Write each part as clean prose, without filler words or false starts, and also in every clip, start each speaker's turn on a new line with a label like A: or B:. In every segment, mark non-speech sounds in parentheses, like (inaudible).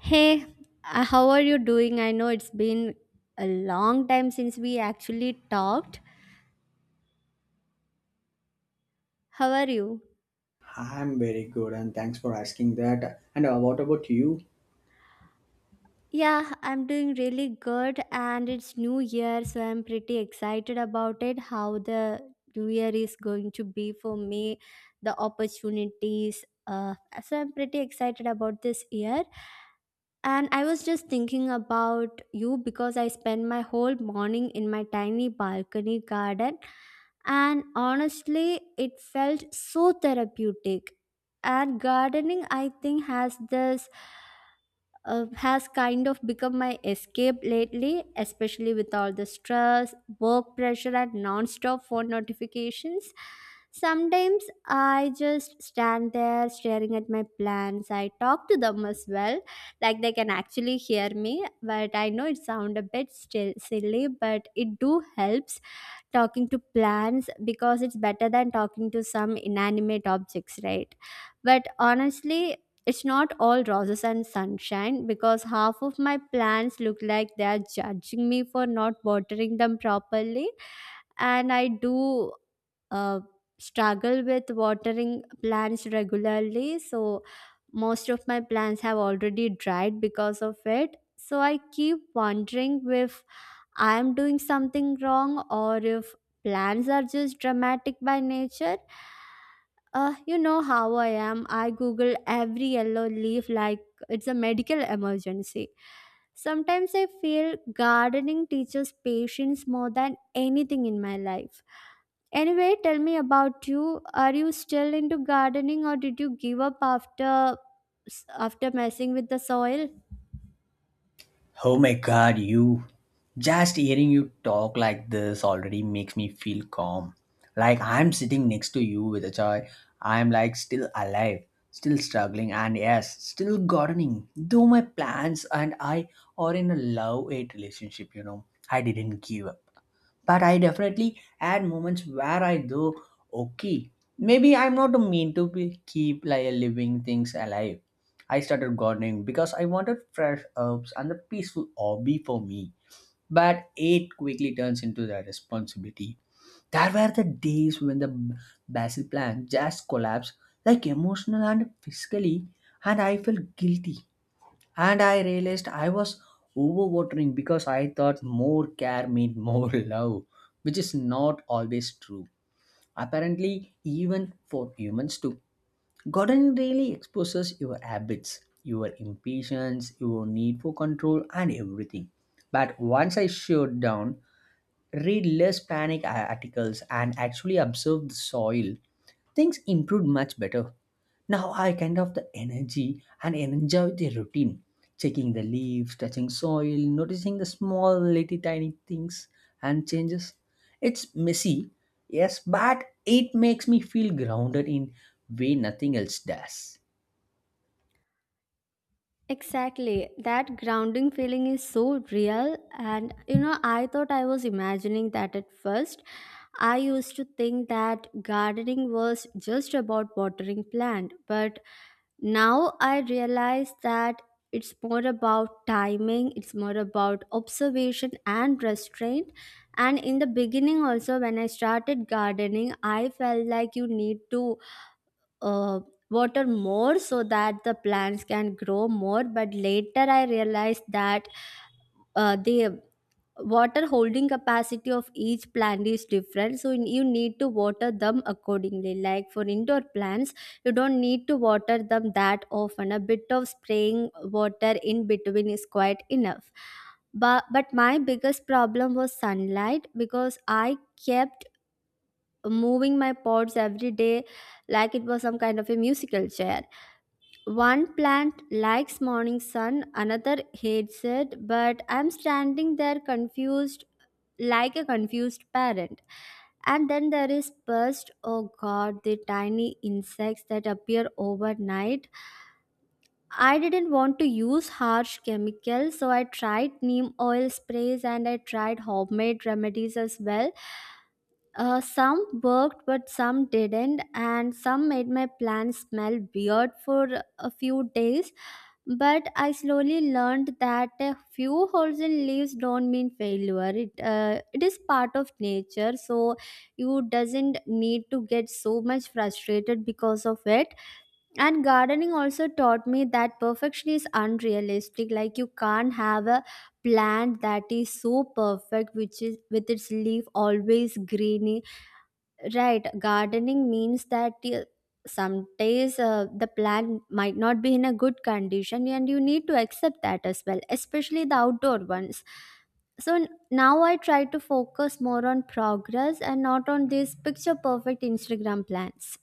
A: Hey, how are you doing? I know it's been a long time since we actually talked. How are you?
B: I'm very good and thanks for asking that. And what about you?
A: Yeah, I'm doing really good and it's new year so I'm pretty excited about it how the new year is going to be for me, the opportunities, so I'm pretty excited about this year. And I was just thinking about you because I spend my whole morning in my tiny balcony garden. And honestly, it felt so therapeutic. And gardening, I think, has this, has kind of become my escape lately, especially with all the stress, work pressure, and non-stop phone notifications. Sometimes I just stand there staring at my plants. I talk to them as well, like they can actually hear me. But I know it sound a bit still silly, but it do helps talking to plants because it's better than talking to some inanimate objects, right? But honestly, it's not all roses and sunshine because half of my plants look like they are judging me for not watering them properly. And I do, uh, struggle with watering plants regularly, so most of my plants have already dried because of it. So I keep wondering if I am doing something wrong or if plans are just dramatic by nature. You know how I am. I Google every yellow leaf like it's a medical emergency. Sometimes I feel gardening teaches patience more than anything in my life. Anyway, tell me about you. Are you still into gardening or did you give up after messing with the soil?
B: Oh my god, you. Just hearing you talk like this already makes me feel calm. Like I'm sitting next to you with a joy. I'm like still alive, still struggling, and yes, still gardening. Though my plans and I are in a love hate relationship, you know. I didn't give but I definitely had moments where I go, okay, maybe I'm not mean to be keep like living things alive. I started gardening because I wanted fresh herbs and a peaceful hobby for me. But it quickly turns into the responsibility. There were the days when the basil plant just collapsed, like emotional and physically, and I felt guilty and I realized I was overwatering because I thought more care meant more (laughs) love, which is not always true. Apparently, even for humans too. Gardening really exposes your habits, your impatience, your need for control, and everything. But once I shut down, read less panic articles, and actually observe the soil, things improved much better. Now I kind of the energy and enjoy the routine, checking the leaves, touching soil, noticing the small little tiny things and changes. It's messy, yes, but it makes me feel grounded in way nothing else does.
A: Exactly. That grounding feeling is so real. And, you know, I thought I was imagining that at first. I used to think that gardening was just about watering plant, but now I realize that it's more about timing, it's more about observation and restraint. And in the beginning, also, when I started gardening, I felt like you need to, uh, water more so that the plants can grow more, but later I realized that, the water holding capacity of each plant is different, so you need to water them accordingly. Like for indoor plants, you don't need to water them that often. A bit of spraying water in between is quite enough. But my biggest problem was sunlight because I kept moving my pots every day like it was some kind of a musical chair. One plant likes morning sun, another hates it, but I'm standing there confused like a confused parent. And then there is pest, oh god, the tiny insects that appear overnight. I didn't want to use harsh chemicals, so I tried neem oil sprays and I tried homemade remedies as well. Some worked, but some didn't, and some made my plants smell weird for a few days. But I slowly learned that a few holes in leaves don't mean failure. It is part of nature, so you doesn't need to get so much frustrated because of it. And gardening also taught me that perfection is unrealistic. Like you can't have a plant that is so perfect, which is with its leaf always greeny. Right, gardening means that, some days, the plant might not be in a good condition, and you need to accept that as well, especially the outdoor ones. So now I try to focus more on progress and not on these picture perfect Instagram plans.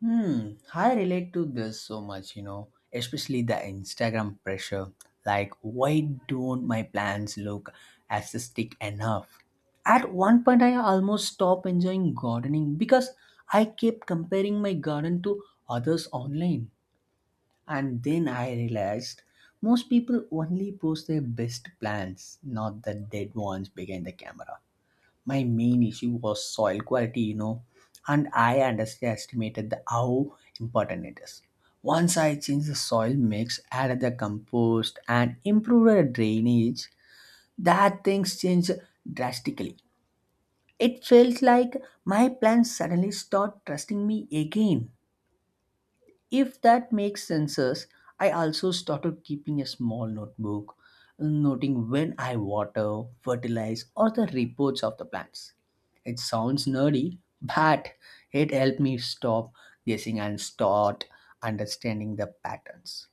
B: Hmm, I relate to this so much, you know, especially the Instagram pressure. Like, why don't my plans look aesthetic enough? At one point, I almost stopped enjoying gardening because I kept comparing my garden to others online. And then I realized most people only post their best plans, not the dead ones behind the camera. My main issue was soil quality, you know, and I underestimated the, how important it is. Once I changed the soil mix, added the compost and improved the drainage, that things changed drastically. It felt like my plants suddenly start trusting me again, if that makes senses. I also started keeping a small notebook, noting when I water, fertilize, or the reports of the plants. It sounds nerdy, but it helped me stop guessing and start understanding the patterns.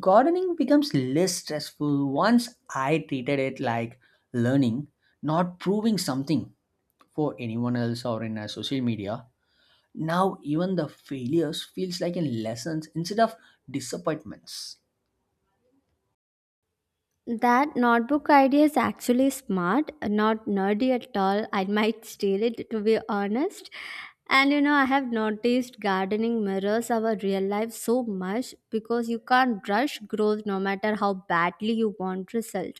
B: Gardening becomes less stressful once I treated it like learning, not proving something for anyone else or in a social media. Now even the failures feels like in lessons instead of disappointments.
A: That notebook idea is actually smart, not nerdy at all. I might steal it to be honest. And you know, I have noticed gardening mirrors our real life so much because you can't rush growth no matter how badly you want result.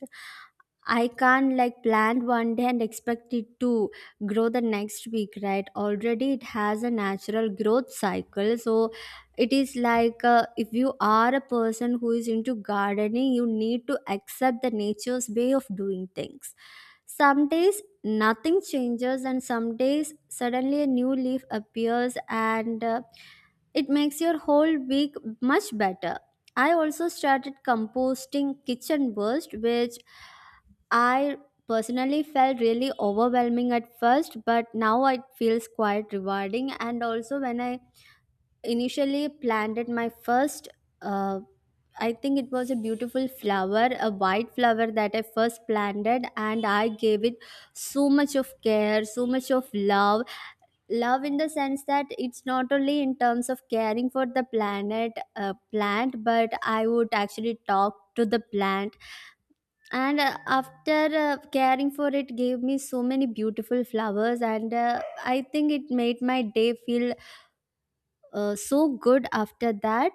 A: I can't like plant one day and expect it to grow the next week, right? Already it has a natural growth cycle. So it is like, if you are a person who is into gardening, you need to accept the nature's way of doing things. Some days nothing changes, and some days suddenly a new leaf appears and, it makes your whole week much better. I also started composting kitchen waste, which I personally felt really overwhelming at first, but now it feels quite rewarding. And also, when I initially planted my first, uh, I think it was a beautiful flower, a white flower that I first planted, and I gave it so much of care, so much of love. Love in the sense that it's not only in terms of caring for the planet, plant, but I would actually talk to the plant and, after caring for it gave me so many beautiful flowers and, I think it made my day feel, so good after that.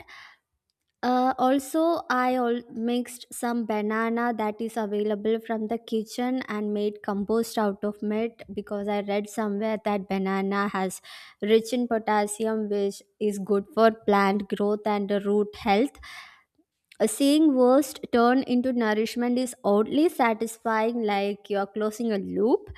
A: Also, I all mixed some banana that is available from the kitchen and made compost out of it because I read somewhere that banana has rich in potassium, which is good for plant growth and, root health. A seeing worst turn into nourishment is oddly satisfying, like you're closing a loop.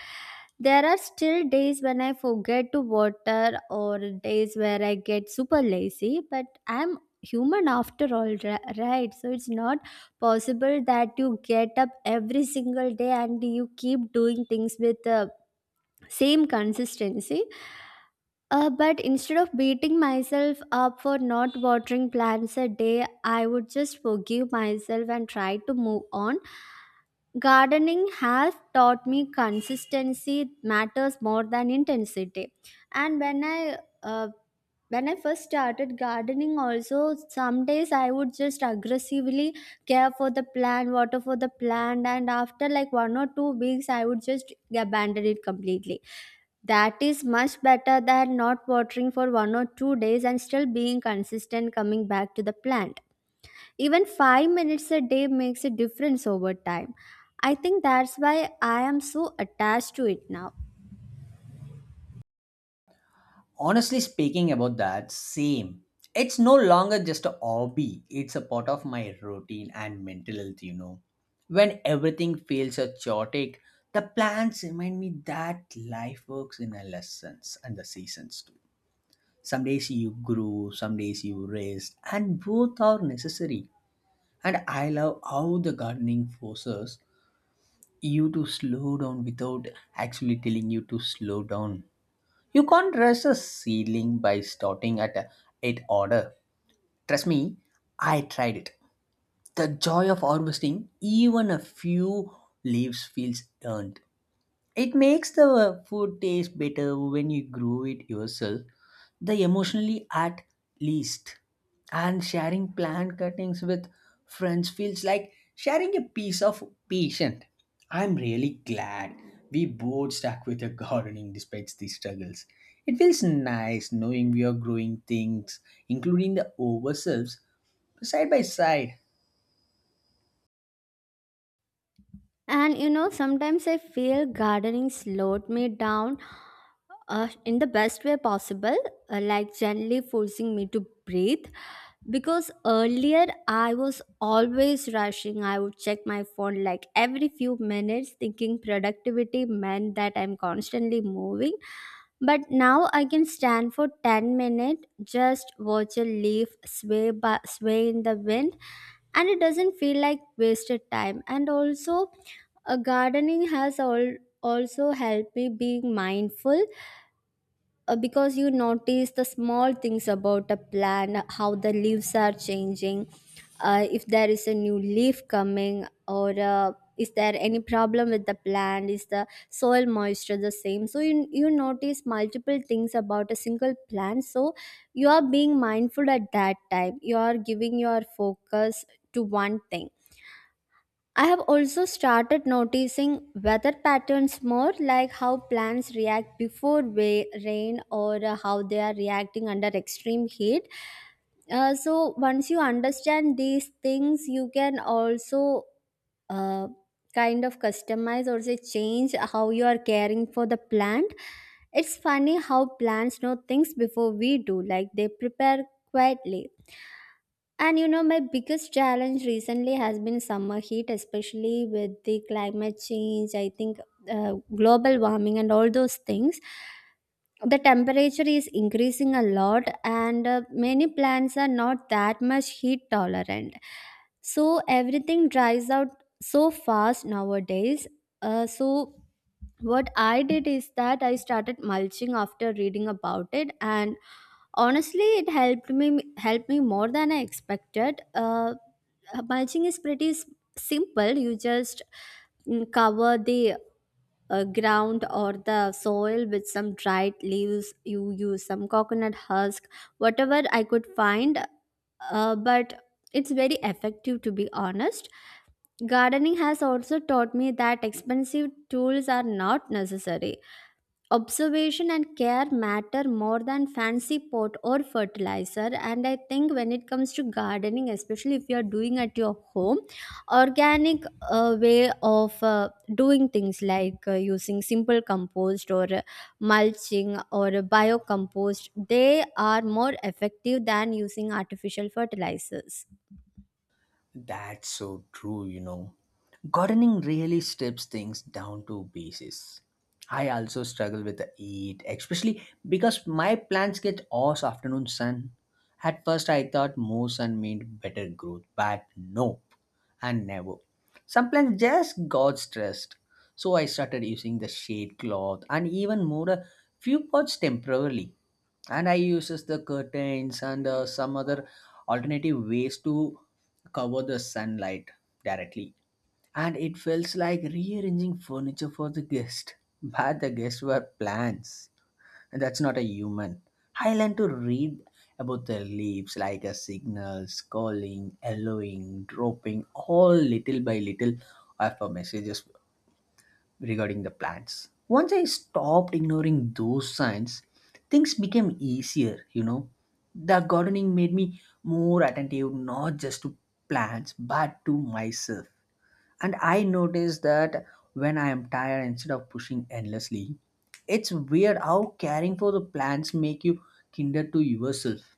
A: There are still days when I forget to water or days where I get super lazy, but I'm human after all, right? So it's not possible that you get up every single day and you keep doing things with the same consistency. But instead of beating myself up for not watering plants a day, I would just forgive myself and try to move on. Gardening has taught me consistency matters more than intensity. And when I first started gardening, also some days I would just aggressively care for the plant, water for the plant, and after like one or two weeks, I would just abandon it completely. That is much better than not watering for one or two days and still being consistent coming back to the plant. Even 5 minutes a day makes a difference over time. I think that's why I am so attached to it now.
B: Honestly speaking about that, same. It's no longer just a hobby, it's a part of my routine and mental health, you know. When everything feels so chaotic, the plans remind me that life works in a lessons and the seasons too. Some days you grow, some days you rest, and both are necessary. And I love how the gardening forces you to slow down without actually telling you to slow down. You can't rush a ceiling by starting at a, at order. Trust me, I tried it. The joy of harvesting even a few leaves feels earned. It makes the food taste better when you grow it yourself, the emotionally at least. And sharing plant cuttings with friends feels like sharing a piece of patient. I'm really glad we both stuck with the gardening despite the struggles. It feels nice knowing we are growing things, including the ourselves, side by side.
A: And you know, sometimes I feel gardening slowed me down, in the best way possible, like gently forcing me to breathe. Because earlier I was always rushing. I would check my phone like every few minutes, thinking productivity meant that I'm constantly moving. But now I can stand for 10 minutes, just watch a leaf sway in the wind, and it doesn't feel like wasted time. And also, gardening has all also helped me being mindful, because you notice the small things about a plant, how the leaves are changing, if there is a new leaf coming or, is there any problem with the plant, is the soil moisture the same, so you notice multiple things about a single plant, so you are being mindful at that time, you are giving your focus to one thing. I have also started noticing weather patterns more, like how plants react before rain or, how they are reacting under extreme heat. So, once you understand these things, you can also, uh, kind of customize or say change how you are caring for the plant. It's funny how plants know things before we do, like they prepare quietly. And you know, my biggest challenge recently has been summer heat, especially with the climate change. I think, global warming and all those things. The temperature is increasing a lot, and, many plants are not that much heat tolerant. So everything dries out so fast nowadays. So what I did is that I started mulching after reading about it, and honestly it helped me more than I expected. Mulching is pretty simple. You just, cover the, ground or the soil with some dried leaves, you use some coconut husk, whatever I could find. But it's very effective to be honest. Gardening has also taught me that expensive tools are not necessary. Observation and care matter more than fancy pot or fertilizer. And I think when it comes to gardening, especially if you are doing at your home, organic, way of doing things like, using simple compost or, mulching or, biocompost, they are more effective than using artificial fertilizers.
B: That's so true, you know. Gardening really strips things down to basis. I also struggle with the heat, especially because my plants get all afternoon sun. At first, I thought more sun meant better growth, but nope, and never. Some plants just got stressed, so I started using the shade cloth and even more a few pots temporarily, and I uses the curtains and some other alternative ways to cover the sunlight directly. And it feels like rearranging furniture for the guest, but the guests were plants and that's not a human. I learned to read about the leaves like a signals calling allowing dropping all little by little of a messages regarding the plants. Once I stopped ignoring those signs, things became easier, you know. The gardening made me more attentive not just to plants but to myself. And I noticed that when I am tired instead of pushing endlessly, it's weird how caring for the plants make you kinder to yourself.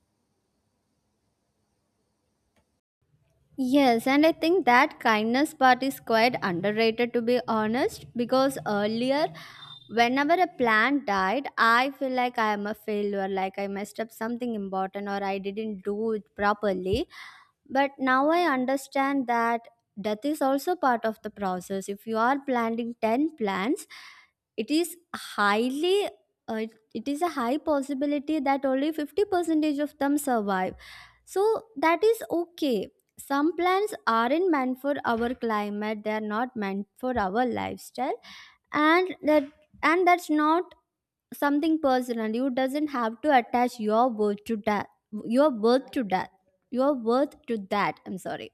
A: Yes, and I think that kindness part is quite underrated to be honest, because earlier whenever a plant died, I feel like I am a failure, like I messed up something important or I didn't do it properly. But now I understand that death is also part of the process. If you are planting 10 plants, it is highly, it is a high possibility that only 50 percentage of them survive. So that is okay. Some plants aren't meant for our climate, they are not meant for our lifestyle, and that and that's not something personal. You doesn't have to attach your worth to that your worth to that. your worth to that. I'm sorry.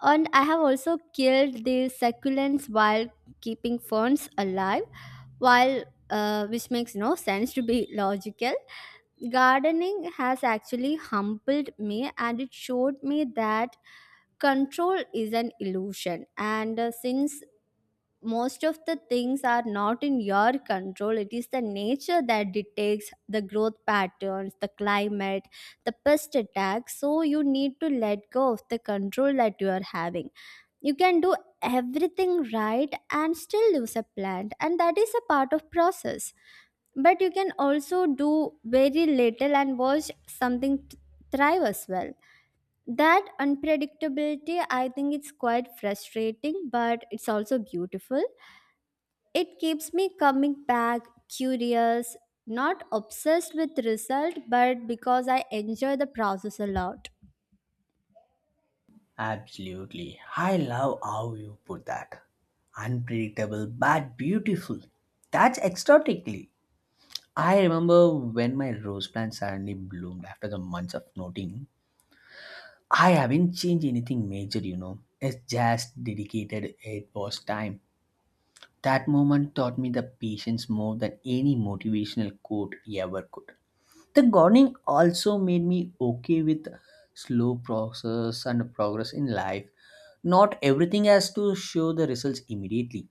A: And I have also killed the succulents while keeping ferns alive, while which makes no sense to be logical. Gardening has actually humbled me and it showed me that control is an illusion. And since most of the things are not in your control, it is the nature that dictates the growth patterns, the climate, the pest attacks. So you need to let go of the control that you are having. You can do everything right and still lose a plant, and that is a part of process, but you can also do very little and watch something thrive as well. That unpredictability, I think it's quite frustrating, but it's also beautiful. It keeps me coming back, curious, not obsessed with result, but because I enjoy the process a lot.
B: Absolutely. I love how you put that. Unpredictable but beautiful. That's exotically. I remember when my rose plant suddenly bloomed after the months of noting. I haven't changed anything major, you know. It's just dedicated it was time. That moment taught me the patience more than any motivational quote ever could. The gardening also made me okay with slow process and progress in life. Not everything has to show the results immediately.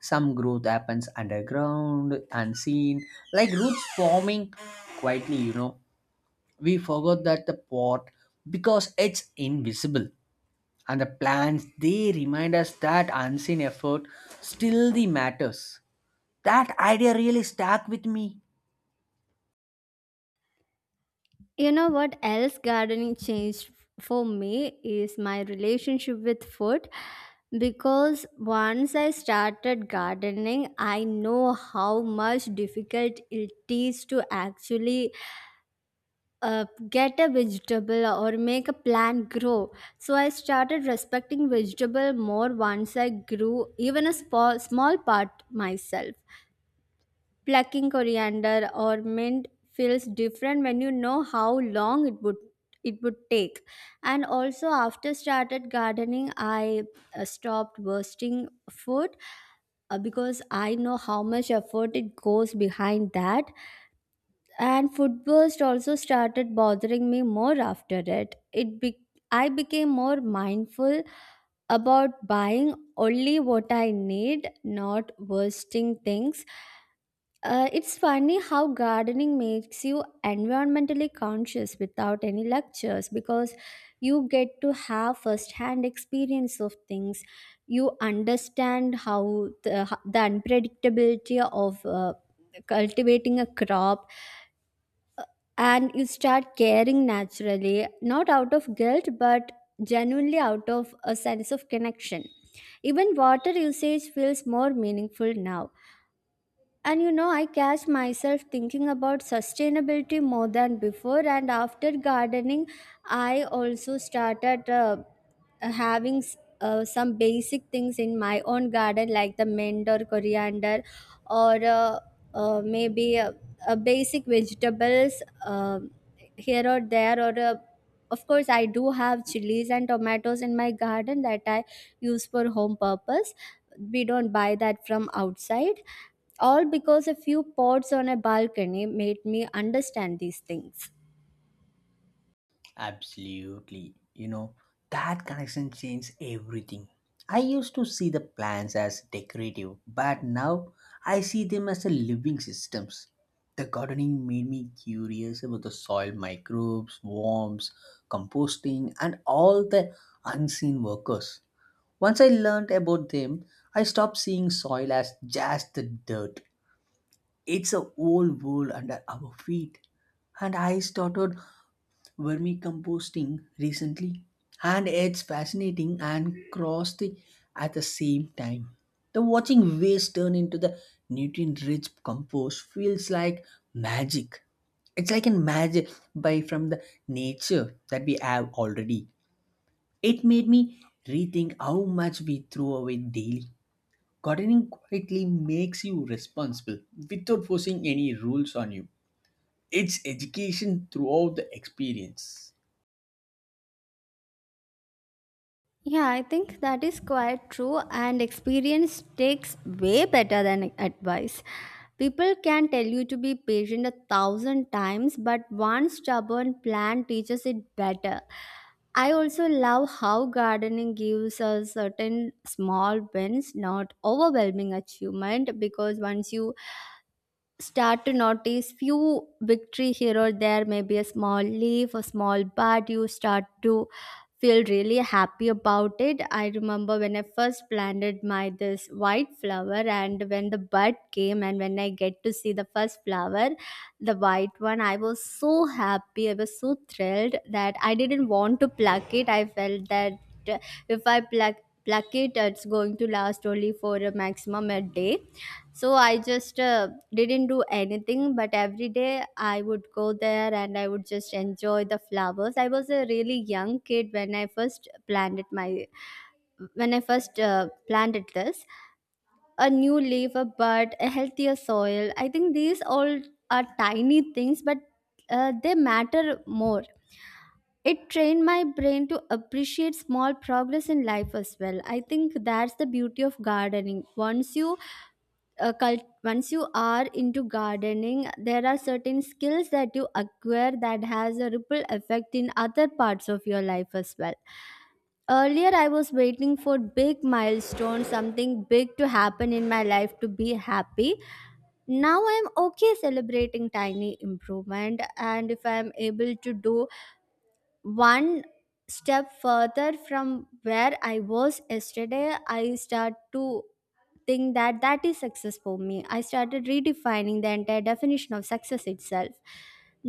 B: Some growth happens underground, unseen, like roots forming quietly, you know. We forgot that the pot because it's invisible, and the plants they remind us that unseen effort still the matters. That idea really stuck with me.
A: You know what else gardening changed for me is my relationship with food. Because once I started gardening, I know how much difficult it is to actually uh, get a vegetable or make a plant grow. So I started respecting vegetable more once I grew even a small part myself. Plucking coriander or mint feels different when you know how long it would take. And also after started gardening, I stopped wasting food, because I know how much effort it goes behind that. And food burst also started bothering me more after it. I became more mindful about buying only what I need, not wasting things. It's funny how gardening makes you environmentally conscious without any lectures, because you get to have first-hand experience of things. You understand the unpredictability of cultivating a crop, and you start caring naturally, not out of guilt, but genuinely out of a sense of connection. Even water usage feels more meaningful now, and you know, I catch myself thinking about sustainability more than before. And after gardening, I also started having some basic things in my own garden like the mint or coriander, or maybe basic vegetables, um, here or there, or of course I do have chilies and tomatoes in my garden that I use for home purpose. We don't buy that from outside, all because a few pots on a balcony made me understand these things.
B: Absolutely. You know, that connection changed everything. I used to see the plants as decorative, but now I see them as a living systems. The gardening made me curious about the soil microbes, worms, composting, and all the unseen workers. Once I learned about them, I stopped seeing soil as just the dirt. It's a whole world under our feet. And I started vermicomposting recently, and it's fascinating and caustic at the same time. The watching waste turn into the nutrient-rich compost feels like magic. It's like a magic by from the nature that we have already. It made me rethink how much we throw away daily. Gardening quietly makes you responsible without forcing any rules on you. It's education throughout the experience.
A: Yeah, I think that is quite true, and experience takes way better than advice. People can tell you to be patient a thousand times, but one stubborn plan teaches it better. I also love how gardening gives us certain small wins, not overwhelming achievement, because once you start to notice few victory here or there, maybe a small leaf, a small bud, you start to feel really happy about it. I remember when I first planted my this white flower, and when the bud came and when I get to see the first flower, the white one, I was so happy, I was so thrilled that I didn't want to pluck it. I felt that, uh, if I pluck it, it's going to last only for a maximum a day. So I just didn't do anything, but every day I would go there and I would just enjoy the flowers. I was a really young kid when I first planted my, when I first planted this, a new leaf, a bud, a healthier soil. I think these all are tiny things, but they matter more. It trained my brain to appreciate small progress in life as well. I think that's the beauty of gardening. Once you are into gardening, there are certain skills that you acquire that has a ripple effect in other parts of your life as well. Earlier I was waiting for big milestone, something big to happen in my life to be happy. Now I'm okay celebrating tiny improvement, and if I'm able to do one step further from where I was yesterday, I start to think that that is success for me. I started redefining the entire definition of success itself.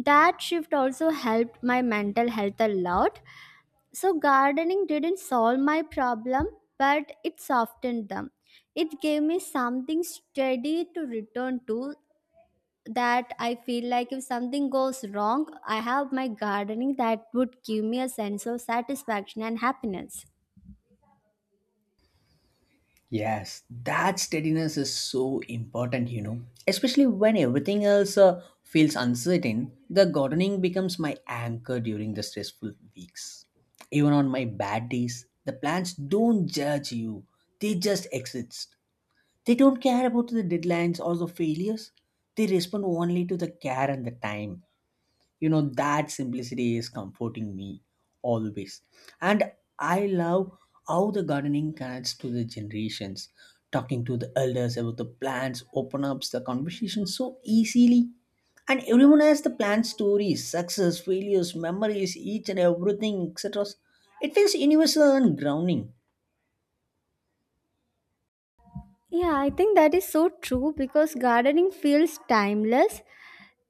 A: That shift also helped my mental health a lot. So gardening didn't solve my problem, but it softened them. It gave me something steady to return to, that I feel like if something goes wrong, I have my gardening that would give me a sense of satisfaction and happiness.
B: Yes, that steadiness is so important, you know. Especially when everything else feels uncertain, the gardening becomes my anchor during the stressful weeks. Even on my bad days, the plants don't judge you, they just exist. They don't care about the deadlines or the failures, they respond only to the care and the time. You know that simplicity is comforting me always. And I love how the gardening connects to the generations. Talking to the elders about the plants open up the conversation so easily, and everyone has the plant stories, success, failures, memories, each and everything, etc. It feels universal and grounding.
A: Yeah, I think that is so true because gardening feels timeless.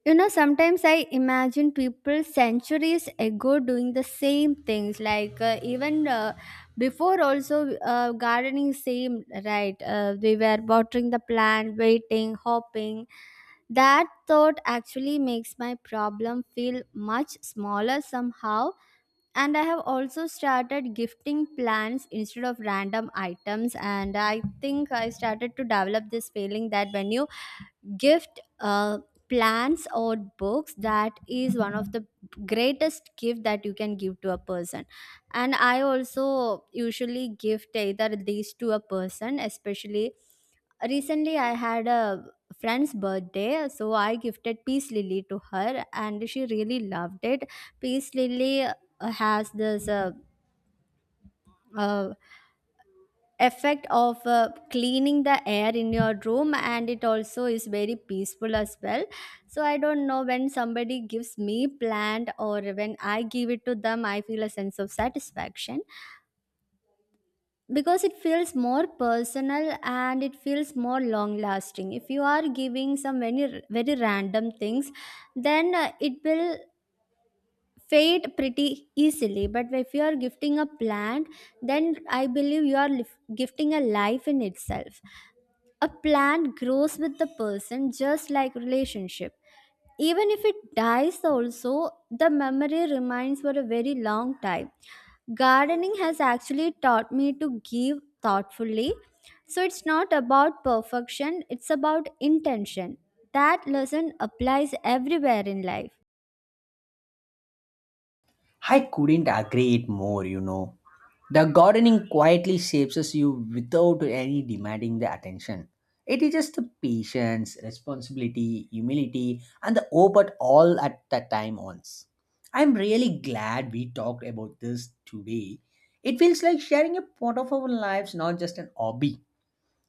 A: You know, sometimes I imagine people centuries ago doing the same things. Like, even before, also gardening same right. We were watering the plant, waiting, hopping. That thought actually makes my problem feel much smaller somehow. And I have also started gifting plants instead of random items, and I think I started to develop this feeling that when you gift, plans or books, that is one of the greatest gift that you can give to a person. And I also usually gift either these to a person, especially recently I had a friend's birthday, so I gifted peace lily to her and she really loved it. Peace lily has this uh, effect of cleaning the air in your room, and it also is very peaceful as well. So I don't know, when somebody gives me plant or when I give it to them, I feel a sense of satisfaction because it feels more personal and it feels more long lasting. If you are giving some very very random things, then it will fade pretty easily, but if you are gifting a plant, then I believe you are gifting a life in itself. A plant grows with the person just like relationship. Even if it dies also, the memory remains for a very long time. Gardening has actually taught me to give thoughtfully. So it's not about perfection, it's about intention. That lesson applies everywhere in life.
B: I couldn't agree it more, you know. The gardening quietly shapes you without any demanding the attention. It is just the patience, responsibility, humility, and the open all at the time once. I'm really glad we talked about this today. It feels like sharing a part of our lives, not just an hobby.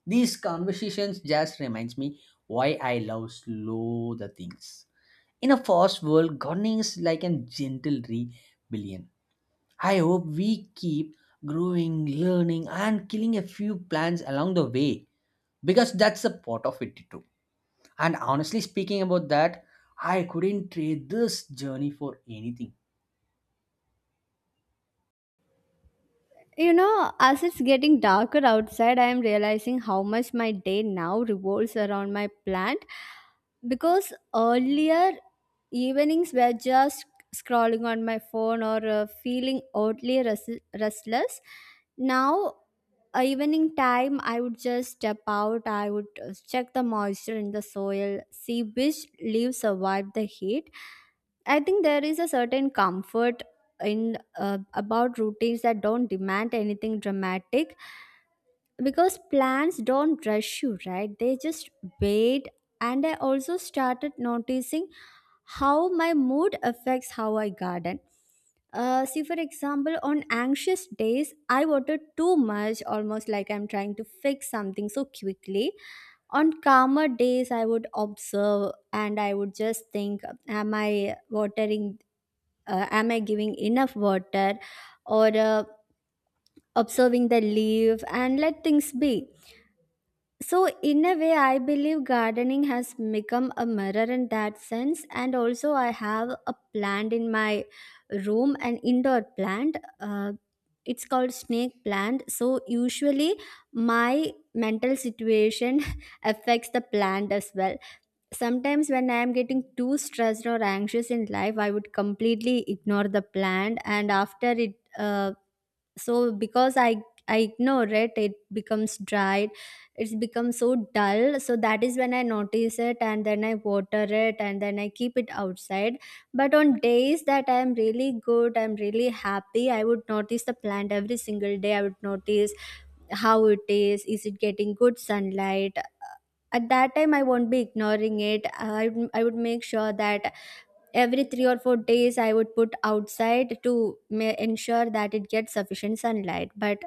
B: These conversations just reminds me why I love slow the things. In a fast world, gardening is like a gentle rebellion. I hope we keep growing, learning, and killing a few plants along the way because that's the part of it too. And honestly speaking about that, I couldn't trade this journey for anything.
A: You know, as it's getting darker outside, I am realizing how much my day now revolves around my plant. Because earlier evenings were just scrolling on my phone, or feeling oddly restless. Now, evening time, I would just step out, I would check the moisture in the soil, see which leaves survive the heat. I think there is a certain comfort in about routines that don't demand anything dramatic, because plants don't rush you right, they just wait. And I also started noticing how my mood affects how I garden. See, for example, on anxious days I water too much, almost like I'm trying to fix something so quickly. On calmer days I would observe and I would just think, am I watering, am I giving enough water, or observing the leaf and let things be. So, in a way, I believe gardening has become a mirror in that sense. And also, I have a plant in my room, an indoor plant. It's called snake plant. So, usually, my mental situation (laughs) affects the plant as well. Sometimes, when I am getting too stressed or anxious in life, I would completely ignore the plant, and after it, so because I ignore it, it becomes dried, it's become so dull. So that is when I notice it, and then I water it and then I keep it outside. But on days that I am really good, I'm really happy, I would notice the plant every single day. I would notice how it is it getting good sunlight. At that time I won't be ignoring it. I would make sure that every 3 or 4 days, I would put outside to ensure that it gets sufficient sunlight. But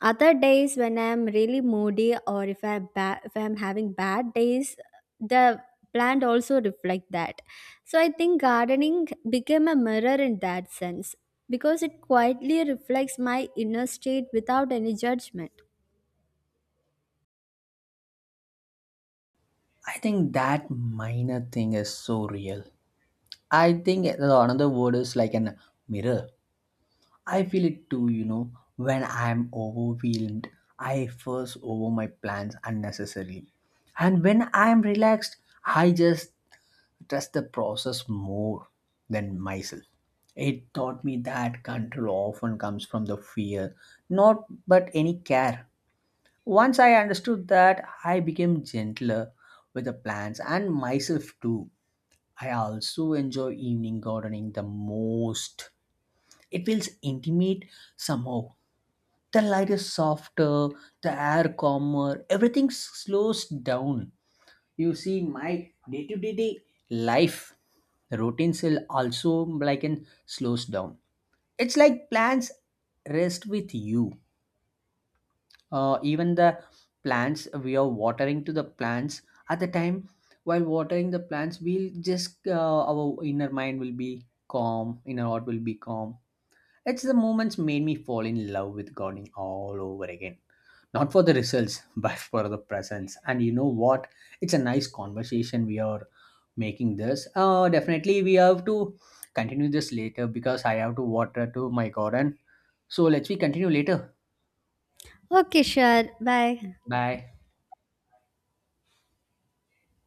A: other days, when I'm really moody or if I'm having bad days, the plant also reflect that. So I think gardening became a mirror in that sense because it quietly reflects my inner state without any judgment.
B: I think that minor thing is so real. I think the another word is like an mirror. I feel it too, you know, when I'm overwhelmed, I fuss over my plans unnecessarily. And when I'm relaxed, I just trust the process more than myself. It taught me that control often comes from the fear, not but any care. Once I understood that, I became gentler with the plants and myself too. I also enjoy evening gardening the most. It feels intimate somehow. The light is softer, the air calmer, everything slows down. You see my day-to-day life routines will also like and slows down. It's like plants rest with you. Even the plants we are watering to the plants at the time, while watering the plants we'll just our inner mind will be calm, inner heart will be calm. It's the moments made me fall in love with gardening all over again, not for the results (laughs) but for the presence. And you know what, it's a nice conversation we are making this definitely we have to continue this later because I have to water to my garden. So let's we continue later.
A: Okay, sure. Bye.
B: Bye.